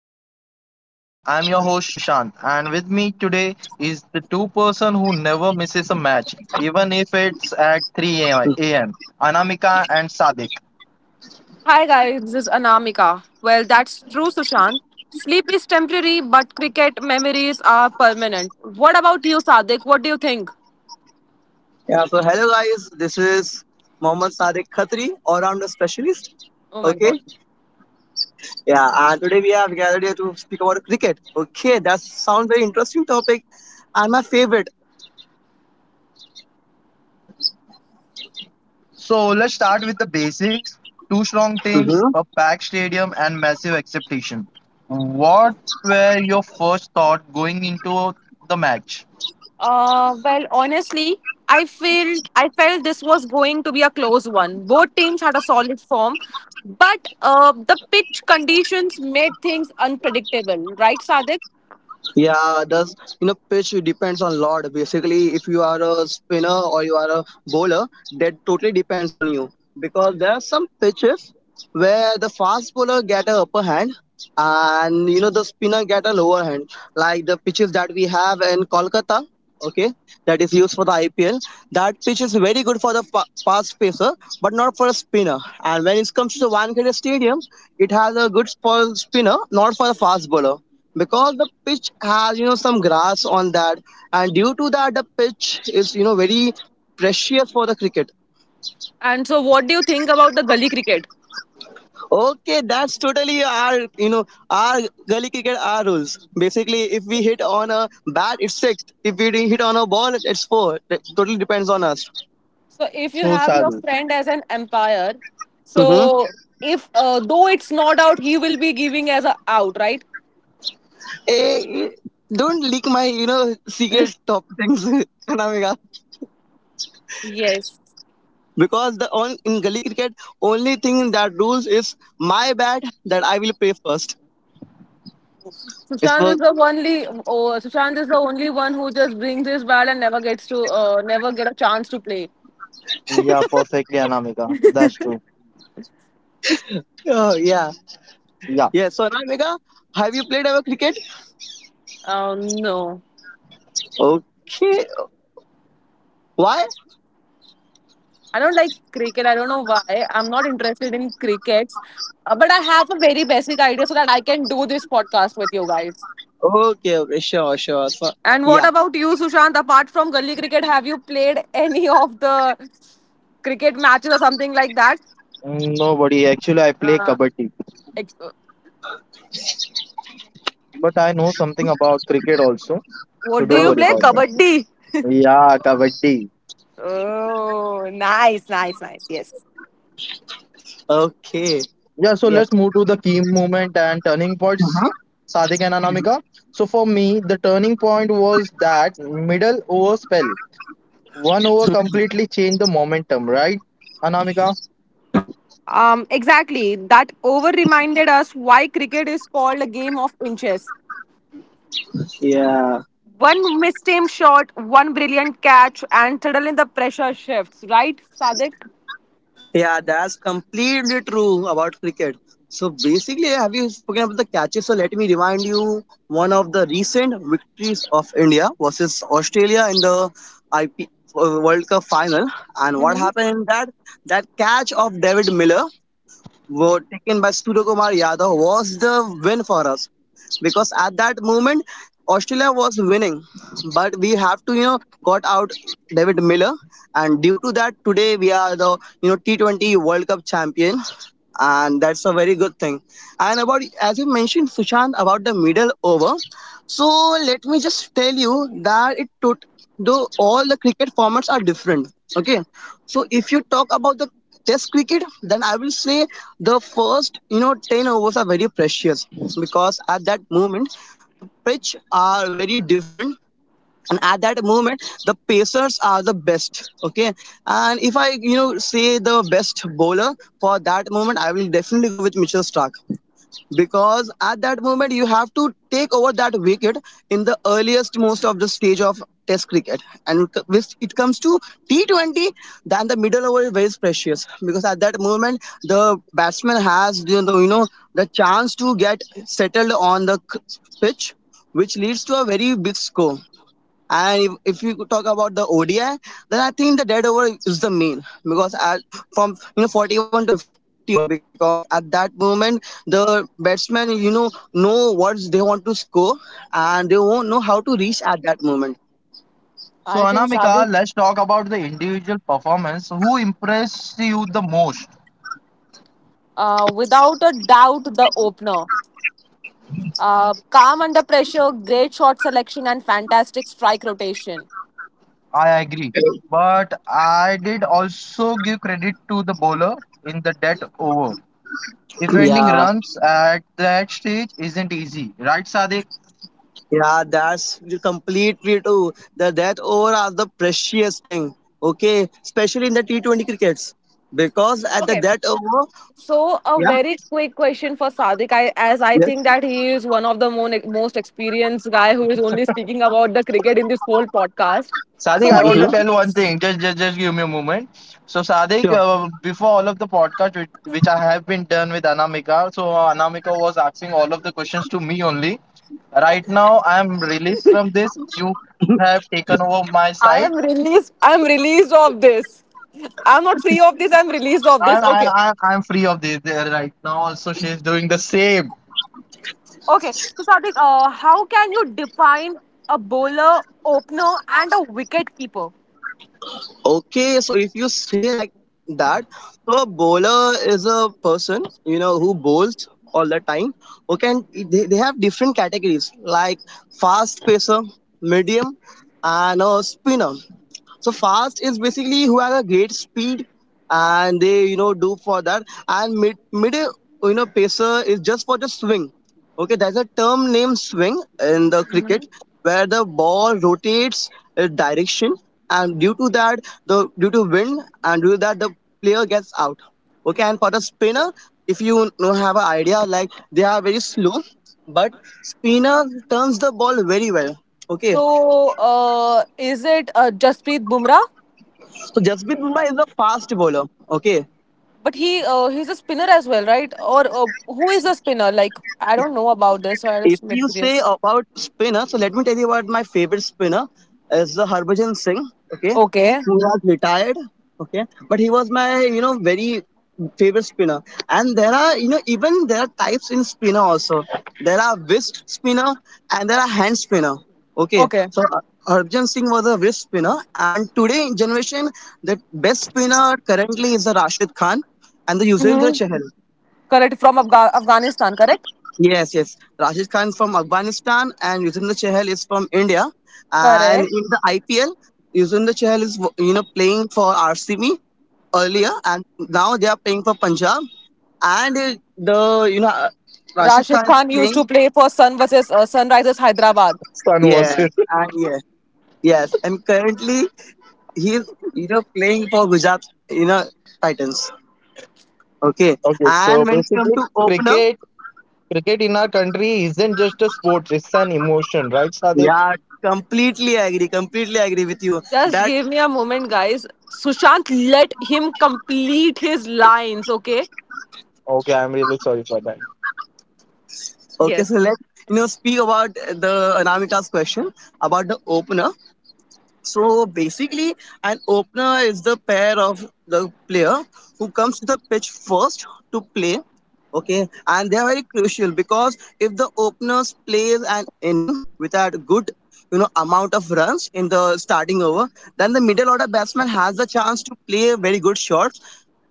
Beyond the Boundary. I'm your host Shushan, and with me today is the two-person who never misses a match, even if it's at 3 a.m. Anamika and Sadik. Hi guys, this is Anamika. Well, that's true, Sushant. Sleep is temporary, but cricket memories are permanent. What about you, Sadik? What do you think? Hello guys, this is Mohammad Sadiq Khatri, all-rounder specialist. Oh my Okay, god. yeah, and Today we have gathered here to speak about cricket. Okay, that sounds very interesting topic and my favorite. So let's start with the basics. Two strong teams, a packed stadium and massive expectation. What were your first thought going into the match? Honestly, I felt this was going to be a close one. Both teams had a solid form, but the pitch conditions made things unpredictable, right, Sadik? Yeah, does you know Pitch depends on lot. Basically, if you are a spinner or you are a bowler, that totally depends on you because there are some pitches where the fast bowler get a upper hand and the spinner get a lower hand. Like the pitches that we have in Kolkata, okay, that is used for the IPL. That pitch is very good for the fast pacer, but not for a spinner. And when it comes to the Wankhede Stadium, it has a good for spinner, not for the fast bowler because the pitch has some grass on that, and due to that the pitch is very precious for the cricket. And so, what do you think about the gully cricket? Okay, that's totally our our gully cricket, our rules. Basically, if we hit on a bat, it's six. If we hit on a ball, it's four. It totally depends on us. So if you True, have your Sadik. friend as an empire, hmm so if though it's not out, he will be giving as a out, right? eh, don't leak my secret top things, Kanamika. Yes. Because the on in gully cricket, only thing that rules is my bat, that I will play first. It's Sushant is the only. Oh, Sushant is the only one who just brings his bat and never gets to, never get a chance to play. Yeah, perfectly, Anamika. That's true. Oh yeah, Yeah. yeah. So now, Mega, have you played ever cricket? No, Okay. Why? I don't like cricket. I don't know why. I'm not interested in crickets. But I have a very basic idea so that I can do this podcast with you guys. Okay, okay. Sure, sure. So And what yeah. about you, Sushant? Apart from gully cricket, have you played any of the cricket matches or something like that? Mm, nobody. Actually, I play Uh, kabaddi. ex- But I know something about cricket also, so what do don't you worry play? about Okay. that. Kabaddi. Yeah, Kabaddi. Oh, nice, nice, nice. Yes. Okay. Yeah, so let's Yes. move to the key moment and turning points, Sadik and Anamika. So for me, the turning point was that middle over spell. One over completely changed the momentum, right, Anamika? Exactly. That over reminded us why cricket is called a game of inches. Yeah. One mistimed shot, one brilliant catch, and suddenly the pressure shifts. Right, Sadik? Yeah, that's completely true about cricket. So basically, have you spoken about the catches? So let me remind you one of the recent victories of India versus Australia in the IP uh, World Cup final. And what hmm happened in that catch of David Miller vote taken by Surya Kumar Yadaw was the win for us. Because at that moment Australia was winning, but we have to got out David Miller, and due to that today we are the T20 World Cup champion, and that's a very good thing. And about as you mentioned Sushant about the middle over, so let me just tell you that it took, though all the cricket formats are different. Okay, so if you talk about the Test cricket, then I will say the first 10 overs are very precious because at that moment the pitch are very different, and at that moment the pacers are the best. Okay, and if I say the best bowler for that moment, I will definitely go with Mitchell Stark because at that moment you have to take over that wicket in the earliest most of the stage of Test cricket. And when it comes to T20, then the middle over is very precious because at that moment the batsman has the chance to get settled on the pitch, which leads to a very big score. And if you could talk about the ODI, then I think the dead over is the main because at, from 41 to 50 overs, because at that moment the batsmen know what they want to score and they won't know how to reach at that moment. So I think, Sadik, Anamika, let's talk about the individual performance. Who impressed you the most? Without a doubt, the opener. Calm under pressure, great shot selection, and fantastic strike rotation. I agree. But I did also give credit to the bowler in the dead over. Defending Yeah, runs at that stage isn't easy, right, Sadiq? yeah, that's completely true. The death over are the precious thing. Okay, especially in the T20 crickets because at the Okay. death over, So a yeah, very quick question for Sadik. As I think yes, that he is one of the most experienced guy who is only speaking about the cricket in this whole podcast. Sadiq, So I what do want you? to tell one thing. Just give me a moment. So, Sadiq, mhm. Before all of the podcast which I have been done with Anamika, so Anamika was asking all of the questions to me only. Right now, I am released from this. You have taken over my I side. am released. I am released of this. I'm not free of this. I'm released of I, this. I, Okay. I, I'm free of this there right now. Also, she is doing the same. Okay. So Sadik, how can you define a bowler, opener, and a wicket keeper? Okay, so if you say like that, so a bowler is a person, who bowls all the time. Okay, and they have different categories like fast pacer, medium, and a spinner. So fast is basically who has a great speed and they do for that. And mid pacer is just for the swing. Okay, there's a term named swing in the cricket where the ball rotates direction, and due to that the due to wind and due to that the player gets out. Okay, and for the spinner, if you know have an idea like they are very slow, but spinner turns the ball very well. Okay, So, is it Jasprit Bumrah? so Jasprit Bumrah is a fast bowler. Okay. But he's a spinner as well, right? Or who is a spinner? Like I don't know about this, so I'm If just you say curious. about spinner, so let me tell you about my favorite spinner is the Harbhajan Singh. Okay, Okay, who has retired. Okay, but he was my very favorite spinner. And there are you know even there are types in spinner also. There are wrist spinner and there are hand spinner. Okay, okay. so uh, Harbhajan Singh was a wrist spinner, and today in generation the best spinner currently is the Rashid Khan and the Yuzvendra Hmm, Chahal. correct. From Afghanistan, correct? Yes, yes. Rashid Khan from Afghanistan and Yuzvendra Chahal is from India. And Correct. in the IPL, Yuzvendra Chahal is playing for RCB earlier, and now they are playing for Punjab. And the you know Rashid Khan Rashid is Khan used playing. to play for Sunrisers Hyderabad. Son was Yeah, it. and yeah, yes. And currently he is playing for Gujarat you know Titans. Okay. Okay, And so when it comes basically, to opener, cricket Cricket in our country isn't just a sport, it's an emotion, right, Sadik? yeah, completely agree. Completely agree with you. Just That give me a moment, guys. Sushant, let him complete his lines, okay? Okay, I'm really sorry for that. Okay, so Yes. let's speak about the Anamika's question about the opener. So basically, an opener is the pair of the player who comes to the pitch first to play. Okay, and they are very crucial because if the openers plays an inning without good amount of runs in the starting over, then the middle order batsman has the chance to play very good shots.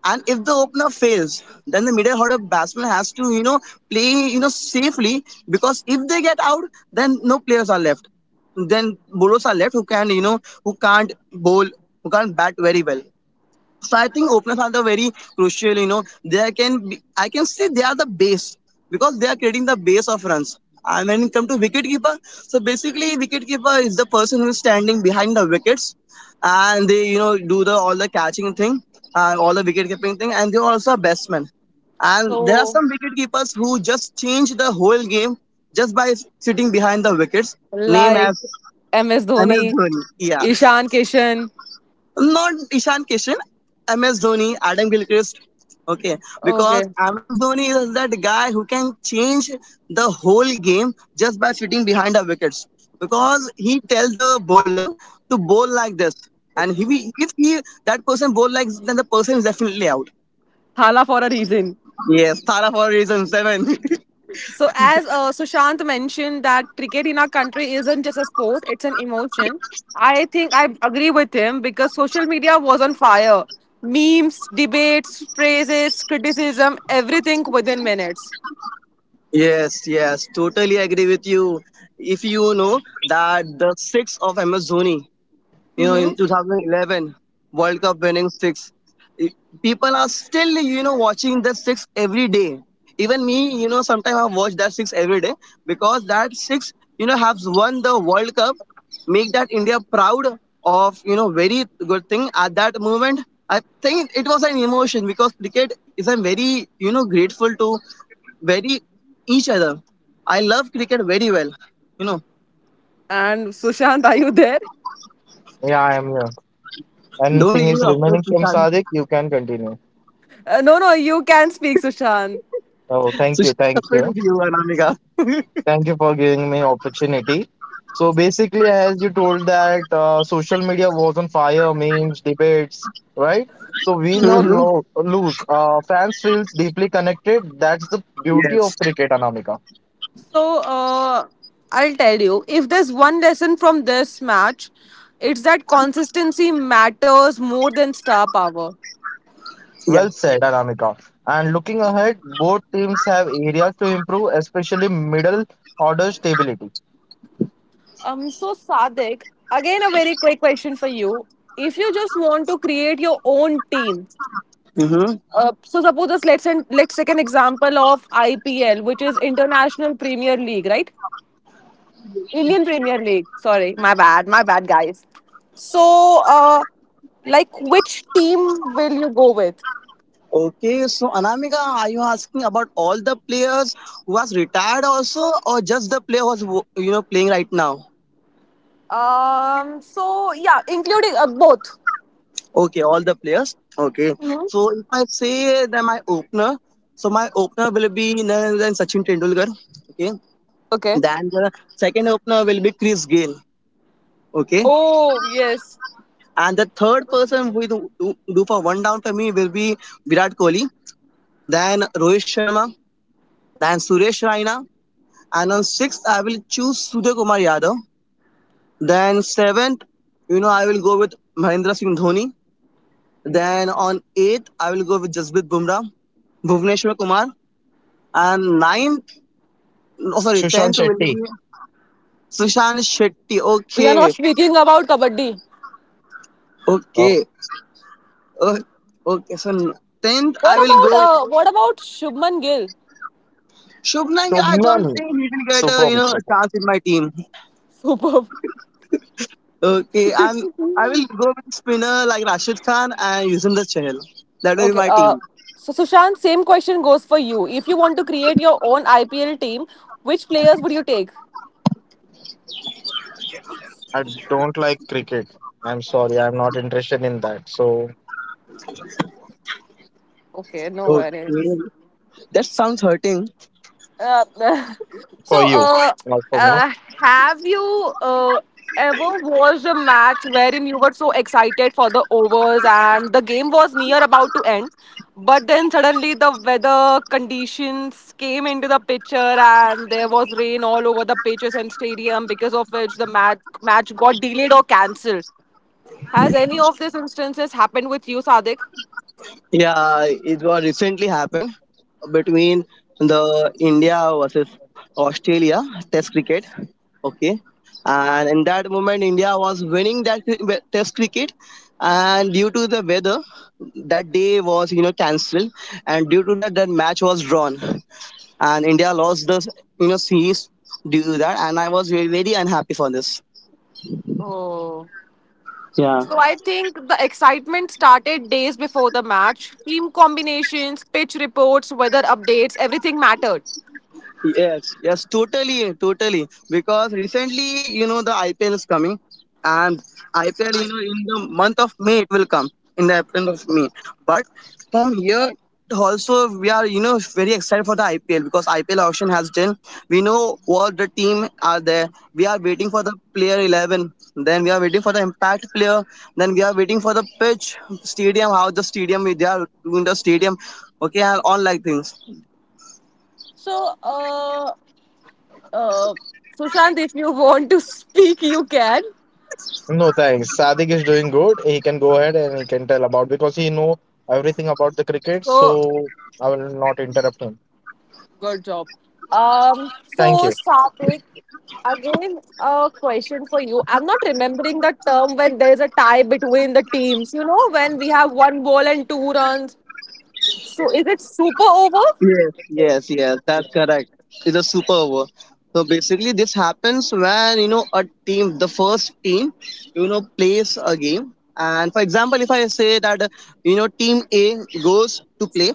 And if the opener fails, then the middle order batsman has to, play, safely, because if they get out, then no players are left. Then bowlers are left who can't bowl, who can't bat very well. So I think openers are the very crucial. I can say they are the base because they are creating the base of runs. And when it comes to wicket keeper, so basically wicket keeper is the person who is standing behind the wickets, and they do the all the catching thing, and all the wicket keeping thing, and they are also a batsman. And there are So, some wicket keepers who just change the whole game just by sitting behind the wickets. Name like as MS MS Dhoni, Dhoni. Yeah. Ishan Kishan. Not Ishan Kishan, MS Dhoni, Adam Gilchrist. Okay, because Okay. MS Dhoni is that guy who can change the whole game just by sitting behind the wickets. Because he tells the bowler to bowl like this, and if he that person bowl like this, then the person is definitely out. Hala for a reason. Yes, Tara for reason seven. So as Sushant mentioned, that cricket in our country isn't just a sport, it's an emotion. I think I agree with him because social media was on fire. Memes, debates, praises, criticism, everything within minutes. Yes, yes, totally agree with you. If you know that the six of MS Dhoni, in Mm-hmm. 2011 World Cup winning six, I- people are still watching that six every day. Even me, sometimes I watch that six every day because that six, has won the World Cup, make that India proud of, very good thing. At that moment, I think it was an emotion because cricket is, I'm very grateful to very each other. I love cricket very well, you know. And Sushant, are you there? Yeah, I am here. Don't Anything give is up. remaining from Sadik, you can continue. No, no, you can speak, Sushant. Oh, So thank she's you, thank afraid of you. you, Anamika. Thank you for giving me opportunity. So basically, as you told that social media was on fire, memes, debates, right? So win or Mm-hmm. Mm-hmm. Lose, fans feels deeply connected. That's the beauty of Yes. cricket, Anamika. So I'll tell you, if there's one lesson from this match, it's that consistency matters more than star power. Yeah. Well said, Aramika. And looking ahead, both teams have areas to improve, especially middle order stability. So Sadik, again a very quick question for you. If you just want to create your own team, Mm-hmm. So suppose us let's take an example of IPL, which is International Premier League, right? Indian Premier League. Sorry, my bad, guys. So, like, which team will you go with? Okay. So Anamika, are you asking about all the players who has retired also, or just the player who's playing right now? So yeah, including both. Okay, all the players. Okay. Hmm. So if I say that my opener, so my opener will be none other than Sachin Tendulkar. Okay. Okay. Then the second opener will be Chris Gayle. Okay. Oh yes, And the third person who will do do for one down for me will be Virat Kohli. Then Rohit Sharma. Then Suresh Raina. And on sixth, I will choose Sudhir Kumar Yadav. Then seventh, you know, I will go with Mahendra Singh Dhoni. Then on eighth, I will go with Jasprit Bumrah, Bhuvneshwar Kumar. And ninth, oh sorry, Sushant tenth will Shetty. be Sushant Shetty. we are not Okay, speaking about kabaddi. Oh, okay, oh, okay. So tenth, I will go. What about Shubman Gill? Shubman, Gill, I Shubman, don't think he will get a a Shubham. chance in my team. Superb. Okay, and I will go with spinner like Rashid Khan and Yuzvendra Chahal. That will be Okay. my team. So Sushant, same question goes for you. If you want to create your own IPL team, which players would you take? I don't like cricket. I'm sorry, I'm not interested in that. So Okay, no Okay. worries. That sounds hurting. Uh, for so, you, uh, not for me. uh, have you uh, ever watched a match wherein you were so excited for the overs and the game was near about to end, but then suddenly the weather conditions came into the picture and there was rain all over the pitches and stadium because of which the match got delayed or cancelled. Has any of these instances happened with you, Sadik? Yeah, it was recently happened between the India versus Australia Test cricket. Okay, and in that moment, India was winning that Test cricket, and due to the weather, that day was cancelled, and due to that, that match was drawn, and India lost the series due to that, and I was very unhappy for this. Oh. Yeah. So I think the excitement started days before the match. Team combinations, pitch reports, weather updates, everything mattered. Yes, yes, totally, totally. Because recently, you know, the IPL is coming, and IPL, you know, in the month of May it will come, in the April of May. But from here also, we are very excited for the IPL because IPL auction has done. We know what the team are there. We are waiting for the player 11. Then we are waiting for the impact player. Then we are waiting for the pitch, stadium, how the stadium they are doing the stadium. Okay, and all like things. So, uh, Sushant, if you want to speak, you can. No thanks. Sadiq is doing good. He can go ahead and he can tell about because he know everything about the cricket. So, So I will not interrupt him. good job. Thank So you. Satvik, again, a question for you. I'm not remembering the term when there's a tie between the teams. You know, when we have one ball and two runs. So, is it super over? Yes, yes, yes, that's correct. It's a super over. So basically, this happens when you know a team, the first team, you know, plays a game. And for example, if I say that you know team A goes to play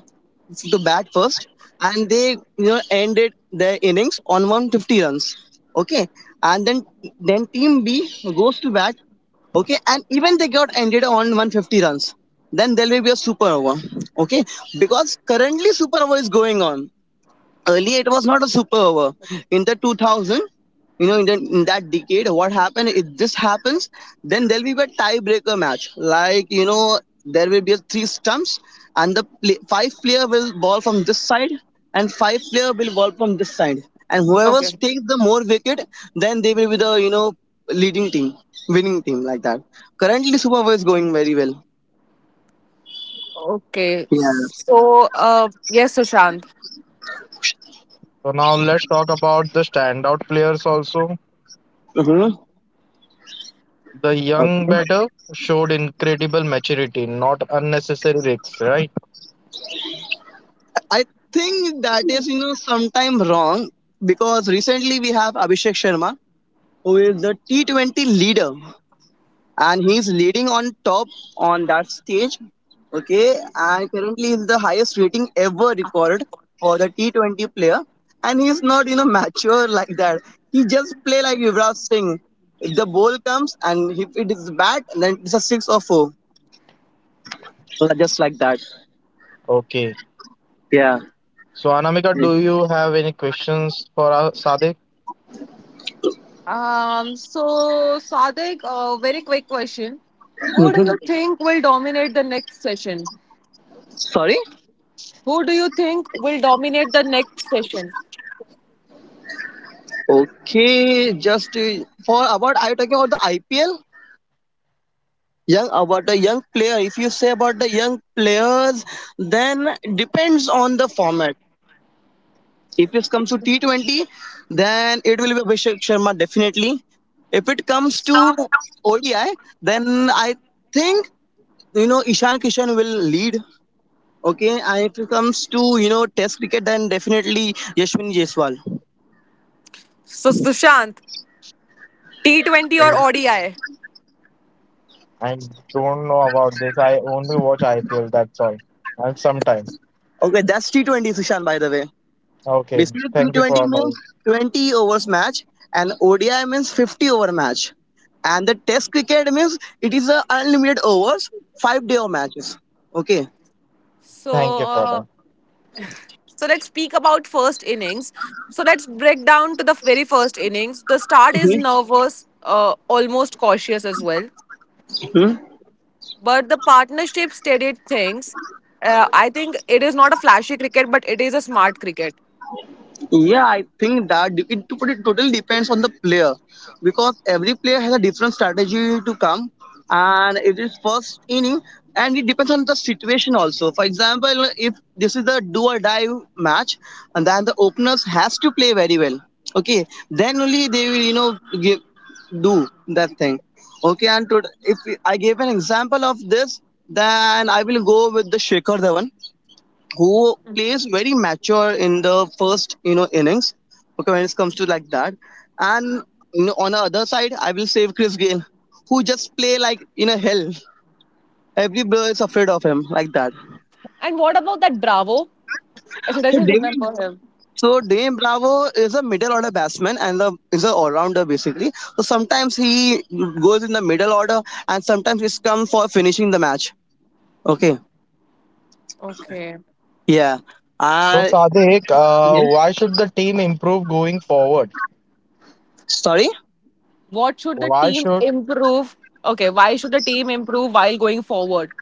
to bat first, and they you know ended their innings on 150 runs, okay, and then team B goes to bat, okay, and even they got ended on 150 runs, then there will be a super over, okay, because currently super over is going on, earlier it was not a super over in the 2000, you know in that decade, what happened it just happens, then there'll be a tiebreaker match, like you know there will be 3 stumps, and five player will ball from this side, and five player will ball from this side, and whoever Okay. takes the more wicket, then they will be the you know leading team, winning team, like that. Currently super over is going very well. Okay. Yeah. So, yes, Sushant. So now let's talk about the standout players also. Hmm. The young batter showed incredible maturity, not unnecessary risks, right? I think that is, you know, sometime wrong, because recently we have Abhishek Sharma, who is the T20 leader, and he's leading on top on that stage. Okay, and currently is the highest rating ever recorded for the T20 player, and he's not, you know, mature like that. He just play like Yuvraj Singh. If the ball comes and if it is bad, then it's a six or four. So just like that. Okay. Yeah. So, Anamika, do you have any questions for our Sadiq? So, Sadek, very quick question. Who do you think will dominate the next session? Sorry. Who do you think will dominate the next session? Okay, just for about, are you talking about the IPL? Young about the young player. If you say about the young players, then depends on the format. If it comes to T 20, then it will be Abhishek Sharma definitely. If it comes So to ODI, then I think you know Ishan Kishan will lead. Okay, and if it comes to you know Test cricket, then definitely Yashwin Jaiswal. Sushant, T20 or Sadik? Mm, ODI? I don't know about this. I only watch IPL, that's all. And sometimes. Okay, that's T 20 Sushan by the way. Okay. Basically, Thank you T20 for means knowing. 20 overs match, and ODI means 50 over match, and the Test cricket means it is a unlimited overs, 5 day of matches. Okay. Thank you So for that. so let's speak about first innings. So let's break down to the very first innings. The start is Okay. nervous, almost cautious as well. Hmm? But the partnership stated things. I think it is not a flashy cricket, but it is a smart cricket. Yeah, I think that it totally depends on the player because every player has a different strategy to come, and it is first inning, and it depends on the situation also. For example, if this is the do or die match, and then the openers has to play very well. Okay, then only they will you know give, do that thing. Okay, and to, if I gave an example of this, then I will go with the Shekhar Dhawan who plays very mature in the first you know innings, okay, when it comes to like that. And you know, on the other side I will save Chris Gayle, who just play like in a hell, everybody is afraid of him, like that. And what about that Bravo? I so doesn't Dame- remember him. so Dame Bravo is a middle order batsman and a, is a all rounder basically. So sometimes he goes in the middle order and sometimes he's come for finishing the match. Okay. Okay. Yeah. So, I Sadik, yes. why should the team improve going forward? Sorry. What should the Why team should. improve? Okay, why should the team improve while going forward?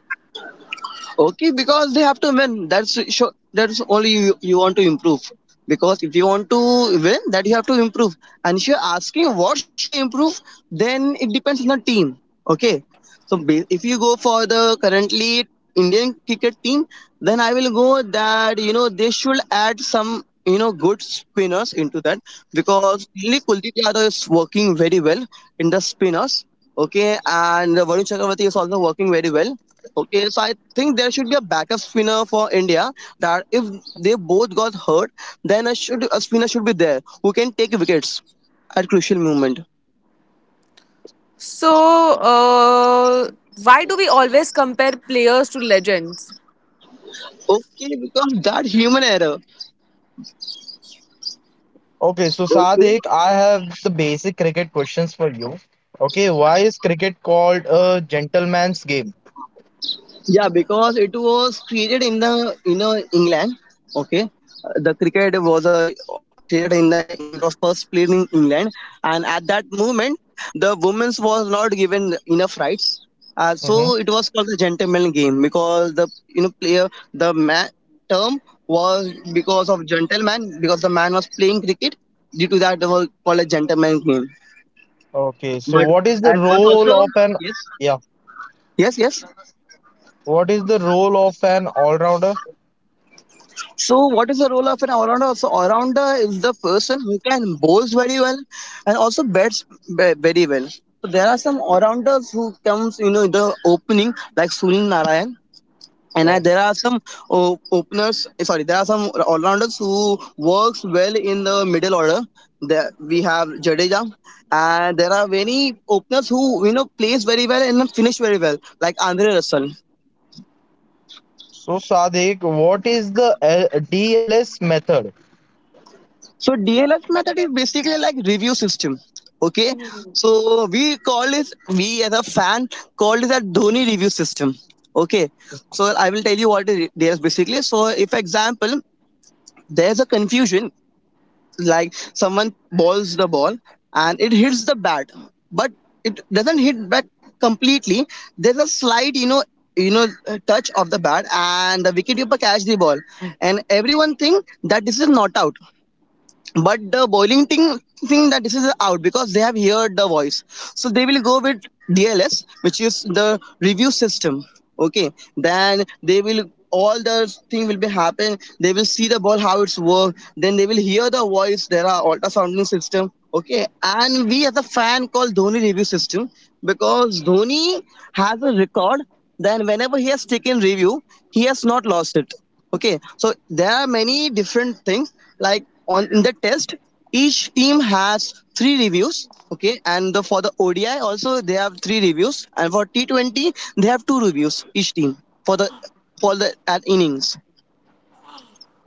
Okay, because they have to win. That's sure. That's only you, want to improve. Because if you want to win, that you have to improve. And if you're asking what should they improve, then it depends on the team. Okay. So if you go for the currently Indian cricket team, then I will go that you know they should add some you know good spinners into that, because only Kuldeep Yadav is working very well in the spinners. Okay, and Varun Chakravarti is also working very well. Okay, so I think there should be a backup spinner for India. That if they both got hurt, then a, should, a spinner should be there who can take wickets at crucial moment. So, uh, why do we always compare players to legends? Okay, because that human error. Okay, so Okay. Sadik, I have the basic cricket questions for you. Okay, why is cricket called a gentleman's game? Yeah, because it was created in the you know England. Okay, The cricket was a created in the England. It was first played in England, and at that moment the women's was not given enough rights. So Mm-hmm. it was called the gentleman game because the you know player, the man term was, because of gentleman, because the man was playing cricket, due to that it was called a gentleman game. Okay, so But what is the and was role also, of an yes, Yeah, yes, yes. what is the role of an all-rounder? So, what is the role of an all-rounder? So, all-rounder is the person who can bowls very well and also bats very well. So, there are some all-rounders who comes, you know, in the opening like Sunil Narayan. And I, Oh. there are some openers. Sorry, there are some all-rounders who works well in the middle order. There we have Jadeja, and there are many openers who you know plays very well and finish very well, like Andre Russell. So Sadiq, what is the L DLS method? So DLF method is basically like review system. Okay, so we call this, we as a fan call it a Dhoni review system. Okay, so I will tell you what is DLF basically. So if example there's a confusion, like someone balls the ball and it hits the bat, but it doesn't hit back completely. There's a slight you know, touch of the bat, and the wicketkeeper catch the ball, and everyone think that this is not out, but the boiling thing, that this is out because they have heard the voice. So they will go with DLS, which is the review system. Okay, then they will, all the thing will be happen, they will see the ball how it's work, then they will hear the voice, there are ultrasounding system. Okay, and we as a fan call Dhoni review system, because Dhoni has a record, then whenever he has taken review, he has not lost it. Okay, so there are many different things, like on in the test, each team has 3 reviews. Okay, and for the ODI also they have 3 reviews, and for T20 they have 2 reviews each team, for the, for the at innings.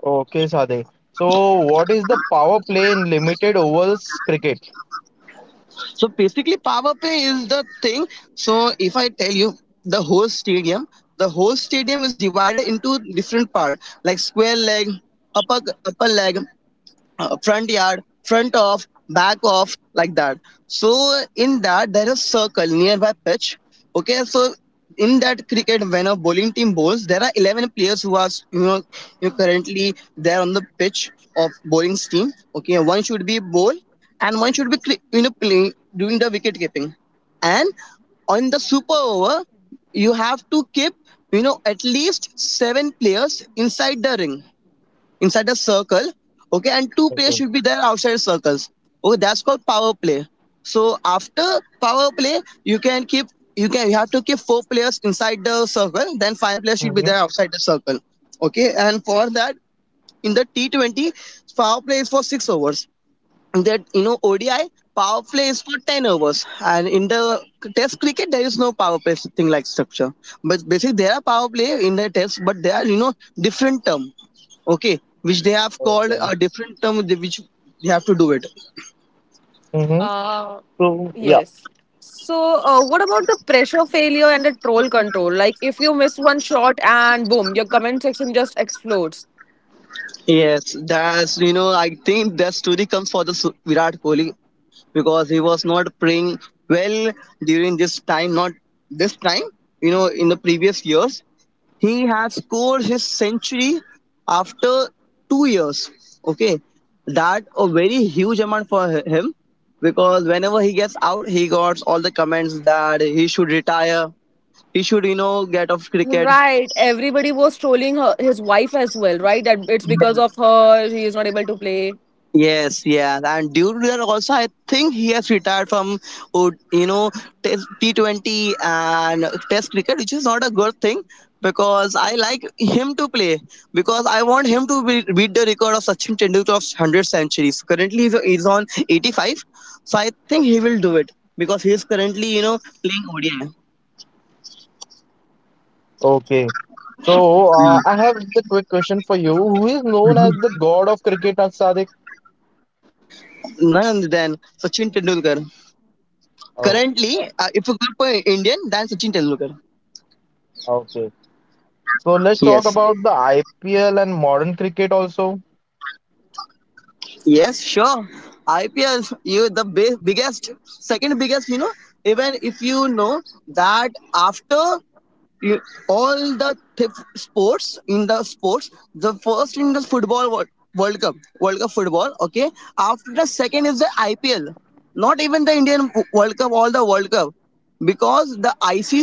Okay, Sadiq. So what is the power play in limited overs cricket? So basically power play is the thing. So if I tell you the whole stadium, the whole stadium is divided into different parts like square leg, upper upper leg, front yard, front off, back off, like that. So in that there is circle nearby pitch. Okay, so in that cricket, when a bowling team bowls, there are 11 players who are you know, you currently there on the pitch of bowling team. Okay, one should be bowl, and one should be you know play doing the wicket keeping. And on the super over, you have to keep you know at least 7 players inside the ring, inside a circle. Okay, and two players Okay. should be there outside circles. Okay, that's called power play. So after power play, you can keep, you can, you have to keep four players inside the circle, then five players should be Mm-hmm. there outside the circle. Okay, and for that in the T 20, power play is for 6 overs. In that you know ODI power play is for 10 overs, and in the Test cricket there is no power play thing like structure. But basically there are power play in the Test, but they are you know different term, okay, which they have called Okay. a different term with which they have to do it. Mm-hmm. Uh, So yeah. yes. So, what about the pressure failure and the troll control? Like, if you miss one shot and boom, your comment section just explodes. Yes, that's you know, I think that story comes for the Virat Kohli, because he was not playing well during this time, not this time, you know, in the previous years he has scored his century after 2 years. Okay, that a very huge amount for him, because whenever he gets out he got all the comments that he should retire, he should you know get off cricket. Right. Everybody was trolling her, his wife as well, right? That it's because of her he is not able to play. Yes, yeah, and due to that also, I think he has retired from, you know, T 20 and Test cricket, which is not a good thing because I like him to play, because I want him to be, beat the record of Sachin Tendulkar of 100 centuries. Currently, he's on 85, so I think he will do it because he is currently, you know, playing ODI. Okay. So I have the quick question for you. Who is known as the god of cricket, Sadiq? None other than Sachin Tendulkar. Oh, Currently, if you go for Indian, then Sachin Tendulkar. okay. So let's talk Yes. about the IPL and modern cricket also. Yes, sure. IPL, you the biggest, second biggest. You know, even if you know that after you- all the sports, in the sports, the first in the football world, world cup world cup football, okay, after the second is the IPL, not even the Indian world cup, all the world cup, because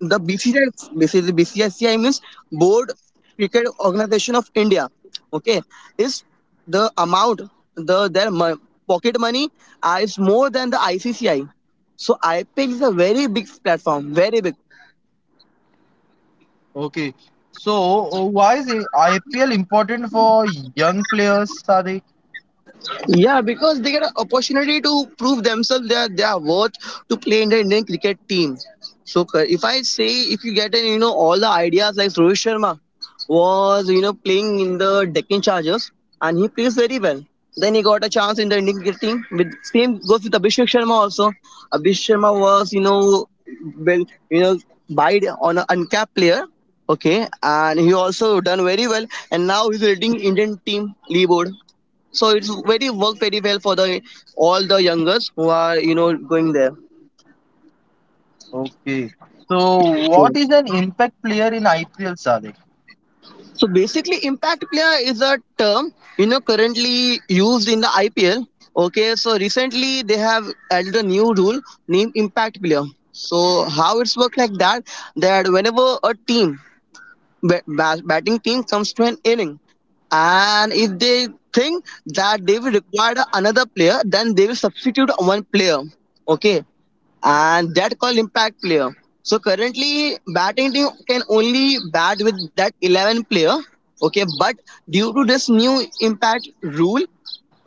the BCCI, basically BCCI means Board Cricket Organization of India, okay, is the amount, the their pocket money, is more than the ICCI. So IPL is a very big platform, very big. Okay. So, why is IPL important for young players, Sadiq? Yeah, because they get an opportunity to prove themselves their worth to play in the Indian cricket team. So if I say, if you get an you know all the ideas like Rohit Sharma was you know playing in the Deccan Chargers, and he plays very well. Then he got a chance in the Indian cricket team. With same goes with Abhishek Sharma also. Abhishek Sharma was you know well, you know, bide on an uncapped player. Okay, and he also done very well, and now he's leading Indian team leaderboard, so it's very work very well for the all the youngers who are you know going there. Okay. So, what is an impact player in IPL, Sadiq? So basically, impact player is a term you know currently used in the IPL. Okay, so recently they have added a new rule named impact player. So how it's worked like that? That whenever a team batting team comes to an inning, and if they think that they will require another player, then they will substitute one player. Okay, and that called impact player. So currently, batting team can only bat with that 11 player. Okay, but due to this new impact rule,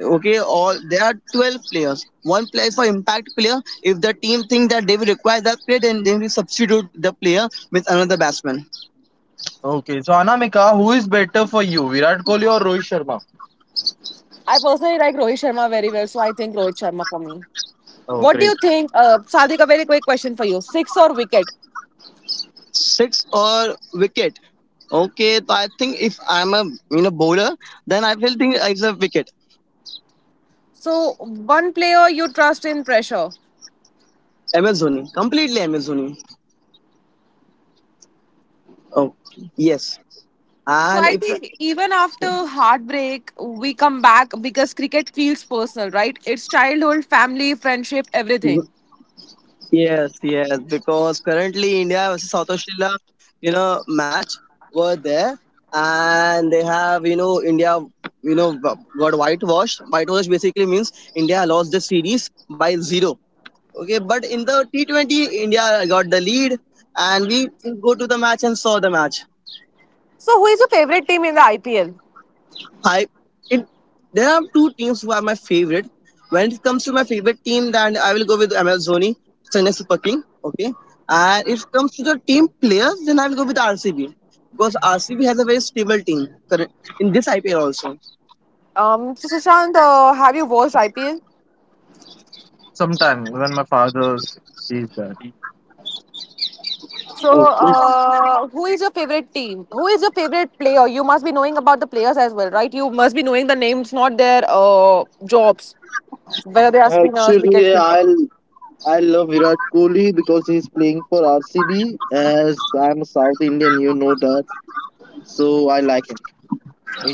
okay, all there are 12 players. One player is for impact player. If the team think that they will require that player, then they will substitute the player with another batsman. Okay. So, Anamika, who is better for you, Virat Kohli or Rohit Sharma? I personally like Rohit Sharma very well, so I think Rohit Sharma for me. Oh, What do you great. think? Sadhik, a very quick question for you. Six or wicket? Six or wicket. Okay, so I think if I'm a you know bowler, then I will think it's a wicket. So one player you trust in pressure. Amazoni, completely Amazoni. Oh yes, So and I if, think even after heartbreak, we come back because cricket feels personal, right? It's childhood, family, friendship, everything. yes, yes, because currently India versus South Australia, you know, match were there, and they have you know India, you know, got whitewashed. Whitewashed basically means India lost the series by zero. Okay, but in the T 20, India got the lead, and we go to the match and saw the match. So who is your favorite team in the IPL? I it, there are two teams who are my favorite. When it comes to my favorite team, then I will go with Amazoni, Chennai Super King. Okay, and if it comes to the team players, then I will go with RCB, because RCB has a very stable team in this IPL also. So Sushant, have you watched IPL? Sometime when my father sees that. So, Okay. Who is your favorite team? Who is your favorite player? You must be knowing about the players as well, right? You must be knowing the names, not their jobs, whether they are spinners, wicket Actually, keeper. I love Virat Kohli because he's playing for RCB. As I'm a South Indian, you know that, so I like him.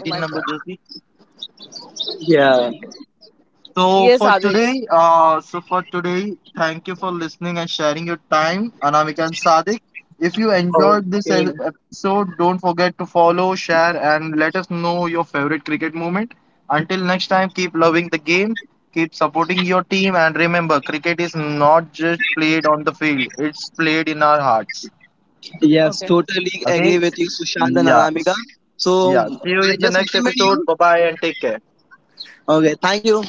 Oh my number god. jersey. Yeah. Okay. So Yes, for Adix. today, thank you for listening and sharing your time, Anamika and Sadik. If you enjoyed this Okay. Episode, don't forget to follow, share, and let us know your favorite cricket moment. Until next time, keep loving the game, keep supporting your team, and remember, cricket is not just played on the field; it's played in our hearts. Yes, Okay. totally agree Okay? with you, Sushant and Anamika. Yes. So Yeah. See you I in the just next recommend episode. you. Bye bye, and take care. Okay. Thank you.